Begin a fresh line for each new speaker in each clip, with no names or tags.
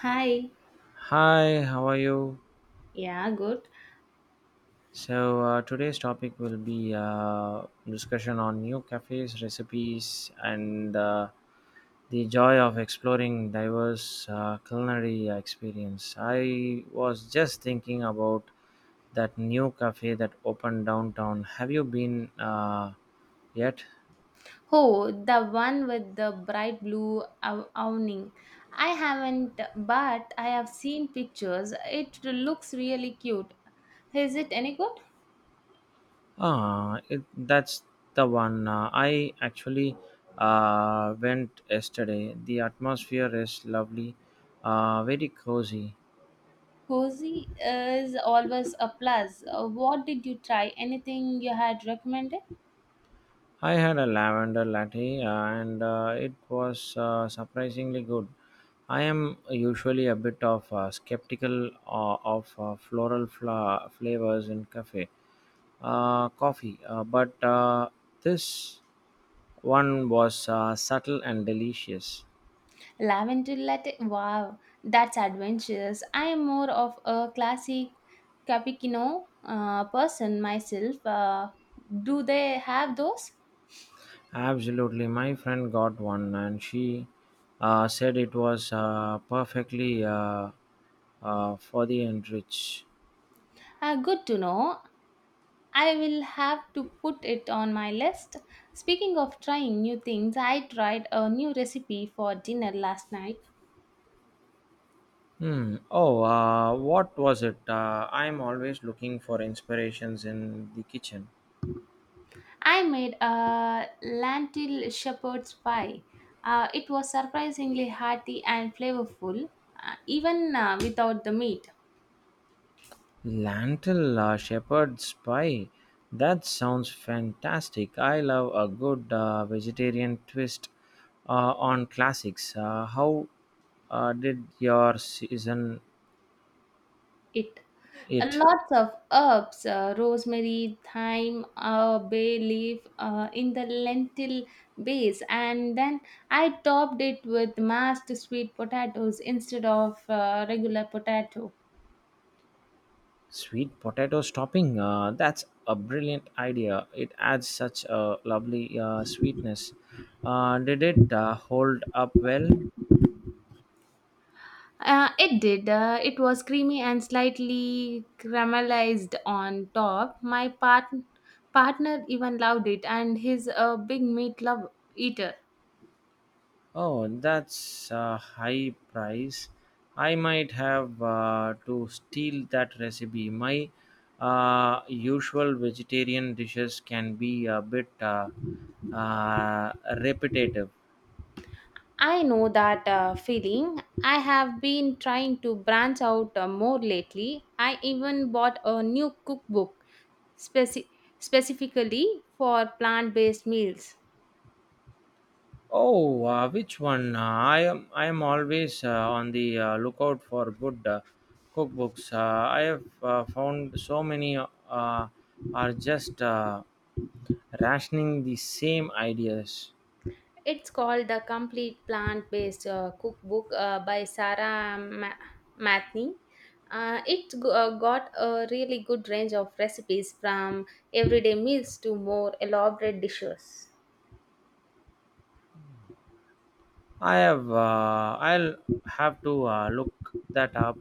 Hi.
Hi, how are you?
Yeah, good.
So today's topic will be discussion on new cafes, recipes, and the joy of exploring diverse culinary experience. I was just thinking about that new cafe that opened downtown. Have you been yet?
Oh, the one with the bright awning. I haven't, but I have seen pictures. It looks really cute. Is it any good?
Ah, that's the one. I actually went yesterday. The atmosphere is lovely, very cozy.
Cozy is always a plus. What did you try? Anything you had recommended?
I had a lavender latte and it was surprisingly good. I am usually a bit of skeptical of floral flavors in cafe coffee, but this one was subtle and delicious.
Lavender latte. Wow, that's adventurous. I am more of a classic cappuccino person myself. Do they have those?
Absolutely, my friend got one and she said it was perfectly for the and rich.
Ah, good to know. I will have to put it on my list. Speaking of trying new things, I tried a new recipe for dinner last night.
Hmm. Oh, what was it? I'm always looking for inspirations in the kitchen.
I made a lentil shepherd's pie. It was surprisingly hearty and flavorful, even without the meat.
Lentil shepherd's pie. That sounds fantastic. I love a good vegetarian twist on classics. How did your season
It
it?
Lots of herbs, rosemary, thyme, bay leaf in the lentil base, and then I topped it with mashed sweet potatoes instead of regular potato.
Sweet potato topping. That's a brilliant idea. It adds such a lovely sweetness. Did it hold up well?
It did. It was creamy and slightly caramelized on top. My partner even loved it, and he's a big meat love eater.
Oh, that's a high price. I might have to steal that recipe. My usual vegetarian dishes can be a bit uh, repetitive.
I know that feeling. I have been trying to branch out more lately. I even bought a new cookbook speci- specifically for plant based meals.
Oh, which one? I am always on the lookout for good cookbooks. I have found so many are just rationing the same ideas.
It's called The Complete Plant Based Cookbook by Sarah Matney. It g- got a really good range of recipes from everyday meals to more elaborate dishes.
I have. I'll have to look that up.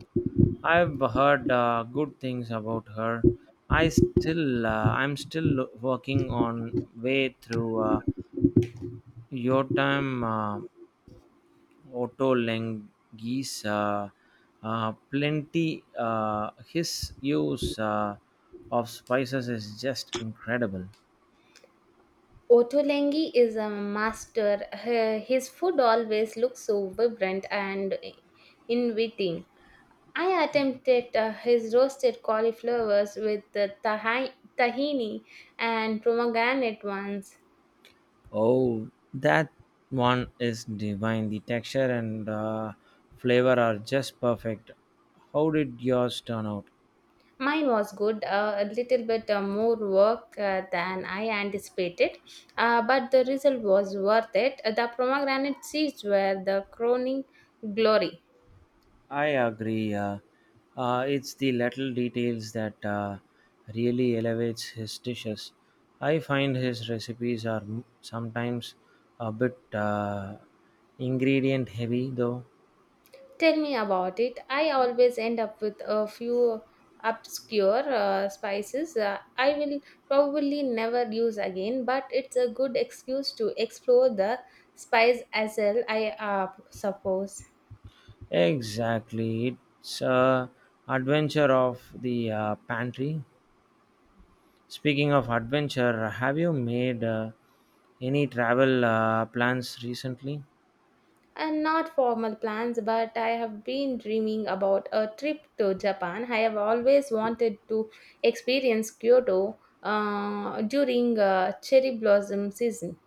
I've heard good things about her. I still. I'm still working on way through your time. Otto Lengi's plenty. His use of spices is just incredible.
Ottolenghi is a master. Her- His food always looks so vibrant and inviting. I attempted his roasted cauliflowers with the tahini and pomegranate ones.
Oh, that one is divine. The texture and flavor are just perfect. How did yours turn out?
Mine was good, a little bit more work than I anticipated, but the result was worth it. The pomegranate seeds were the crowning glory.
I agree. It's the little details that really elevates his dishes. I find his recipes are sometimes a bit ingredient heavy, though.
Tell me about it. I always end up with a few obscure spices I will probably never use again, but it's a good excuse to explore the spice as well, I suppose.
Exactly, it's a adventure of the pantry. Speaking of adventure, have you made any travel plans recently?
And not formal plans, but I have been dreaming about a trip to Japan. I have always wanted to experience Kyoto during cherry blossom season.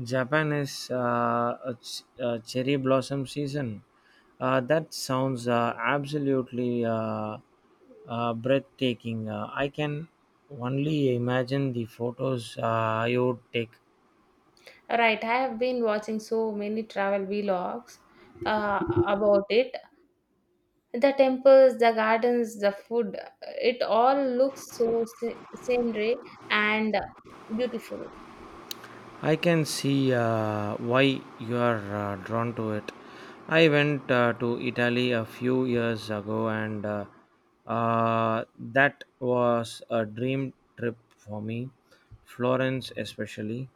Japan is a cherry blossom season. That sounds absolutely breathtaking. I can only imagine the photos you would take.
Right, I have been watching so many travel vlogs uh, about it. The temples, the gardens, the food, it all looks so scenery and beautiful.
I can see why you are drawn to it. I went to Italy a few years ago, and that was a dream trip for me. Florence, especially.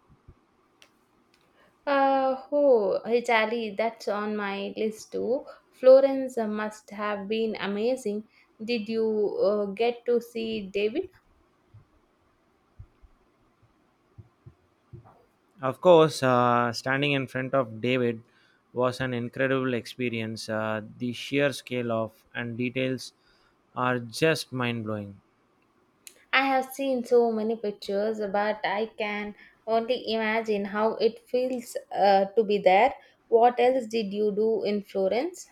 Oh, Italy, that's on my list too. Florence must have been amazing. Did you get to see David?
Of course, standing in front of David was an incredible experience. The sheer scale of and details are just mind blowing.
I have seen so many pictures, but I can only imagine how it feels to be there. What else did you do in Florence?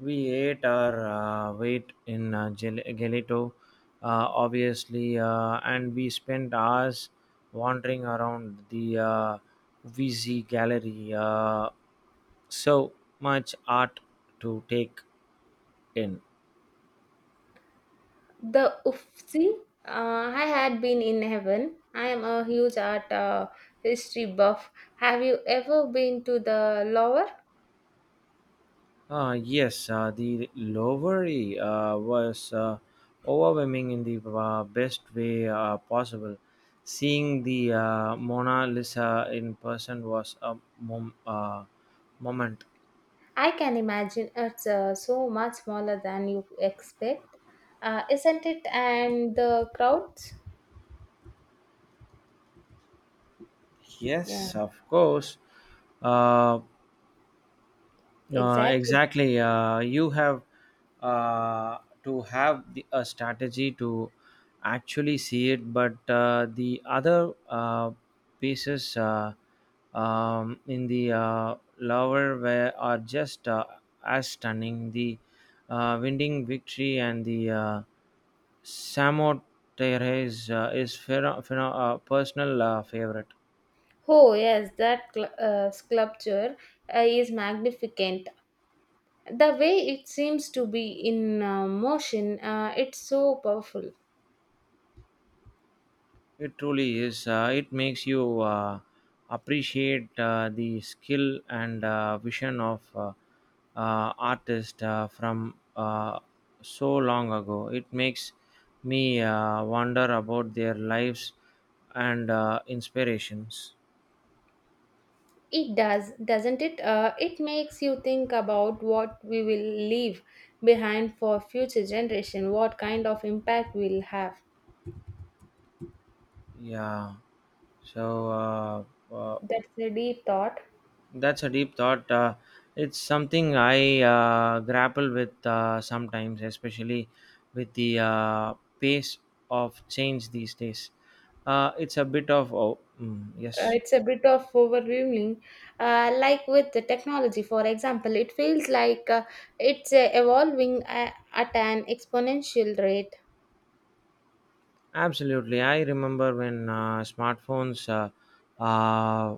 We ate our weight in gelato, obviously, and we spent hours wandering around the VZ gallery. So much art to take in.
The Uffizi? I had been in heaven. I am a huge art history buff. Have you ever been to the Louvre?
Yes, the Lowery was overwhelming in the best way possible. Seeing the Mona Lisa in person was a moment.
I can imagine it's so much smaller than you expect, isn't it? And the crowds? Yeah,
Yes, of course. Uh,
exactly.
exactly. You have uh, to have a strategy to actually see it, but the other pieces in the lower were are just as stunning. The winning victory and the Samo Terres is personal favorite.
Oh, yes, that sculpture is magnificent. The way it seems to be in motion, it's so powerful.
It truly is. It makes you appreciate the skill and vision of artists from so long ago. It makes me wonder about their lives and inspirations.
It does, doesn't it? It makes you think about what we will leave behind for future generation, what kind of impact we'll have.
Yeah. So uh, uh,
That's a deep thought.
That's a deep thought. It's something I grapple with sometimes, especially with the pace of change these days. It's a bit of yes,
It's a bit of overwhelming. Like with the technology, for example, it feels like it's evolving at an exponential rate,
absolutely. I remember when smartphones uh,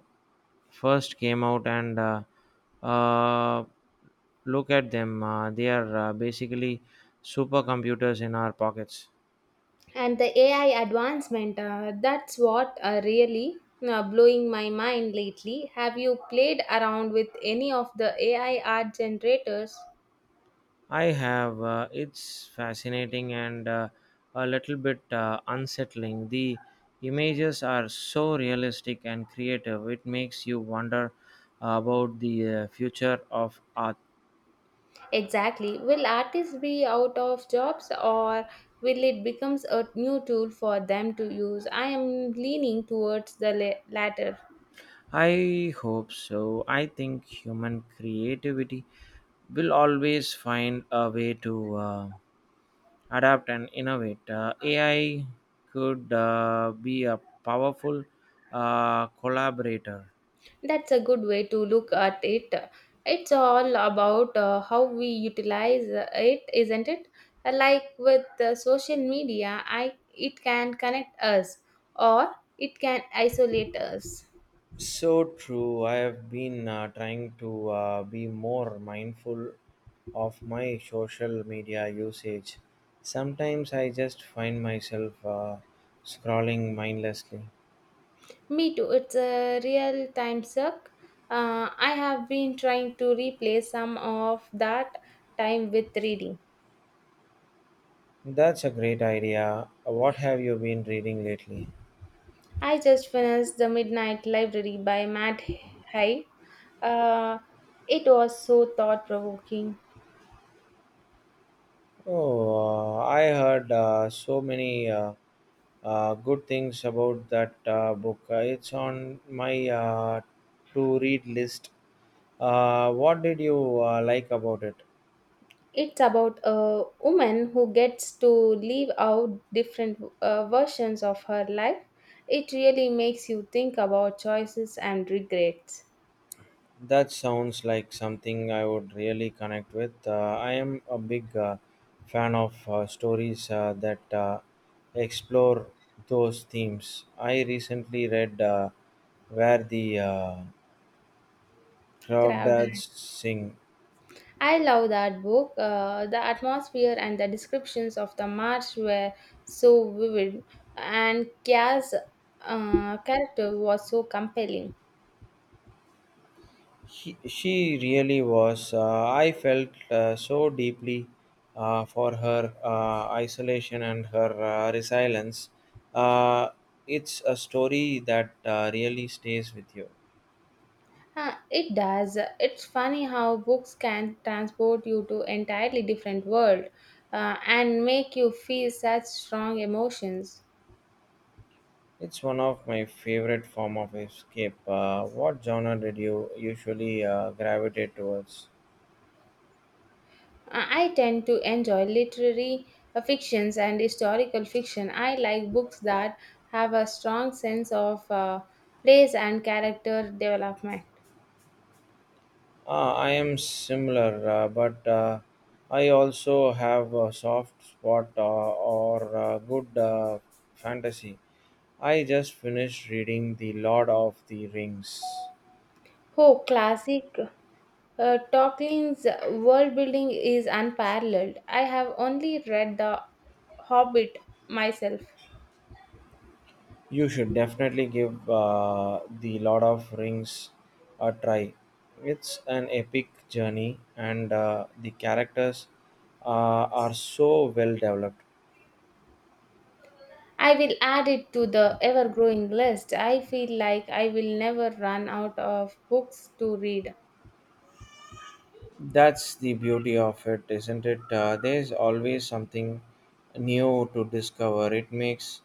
first came out, and uh, look at them. They are basically supercomputers in our pockets.
and the AI advancement, that's what really blowing my mind lately. Have you played around with any of the AI art generators?
I have. It's fascinating and a little bit unsettling. The images are so realistic and creative. It makes you wonder about the future of art.
Exactly. Will artists be out of jobs or will it becomes a new tool for them to use? I am leaning towards the latter.
I hope so. I think human creativity will always find a way to adapt and innovate. AI could be a powerful collaborator.
That's a good way to look at it. It's all about how we utilize it, isn't it? Like with social media, I it can connect us or it can isolate us.
So true. I have been trying to be more mindful of my social media usage. Sometimes I just find myself scrolling mindlessly.
Me too. It's a real time suck. I have been trying to replace some of that time with reading.
That's a great idea. What have you been reading lately?
I just finished The Midnight Library by Matt Haig. Uh, it was so thought provoking.
Oh, I heard so many good things about that book. It's on my to read list. What did you like about it?
It's about a woman who gets to live out different versions of her life. It really makes you think about choices and regrets.
That sounds like something I would really connect with. I am a big fan of stories that explore those themes. I recently read Where the Crawdads
Crowded.
Sing.
I love that book. The atmosphere and the descriptions of the march were so vivid, and Kia's character was so compelling.
She really was. I felt so deeply for her isolation and her resilience. Uh, it's a story that really stays with you.
Huh, it does. It's funny how books can transport you to entirely different world and make you feel such strong emotions.
It's one of my favorite form of escape. What genre did you usually gravitate towards?
I tend to enjoy literary fictions and historical fiction. I like books that have a strong sense of place and character development.
I am similar, but I also have a soft spot or good fantasy. I just finished reading The Lord of the Rings.
Oh, classic Tolkien's world building is unparalleled. I have only read The Hobbit myself.
You should definitely give the Lord of Rings a try. It's an epic journey, and the characters are so well developed.
I will add it to the ever growing list. I feel like I will never run out of books to read.
That's the beauty of it, isn't it? There's always something new to discover. It makes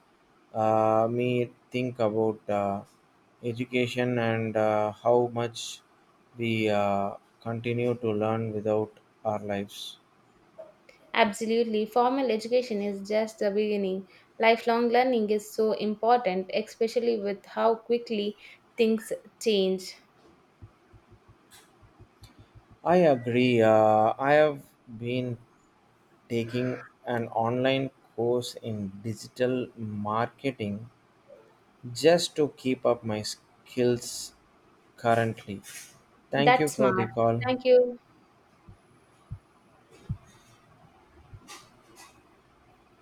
me think about education and how much we continue to learn without our lives.
Absolutely, formal education is just the beginning. Lifelong learning is so important, especially with how quickly things change.
I agree. I have been taking an online course in digital marketing just to keep up my skills currently. Thank you
That's
for the
smart.
call.
Thank you.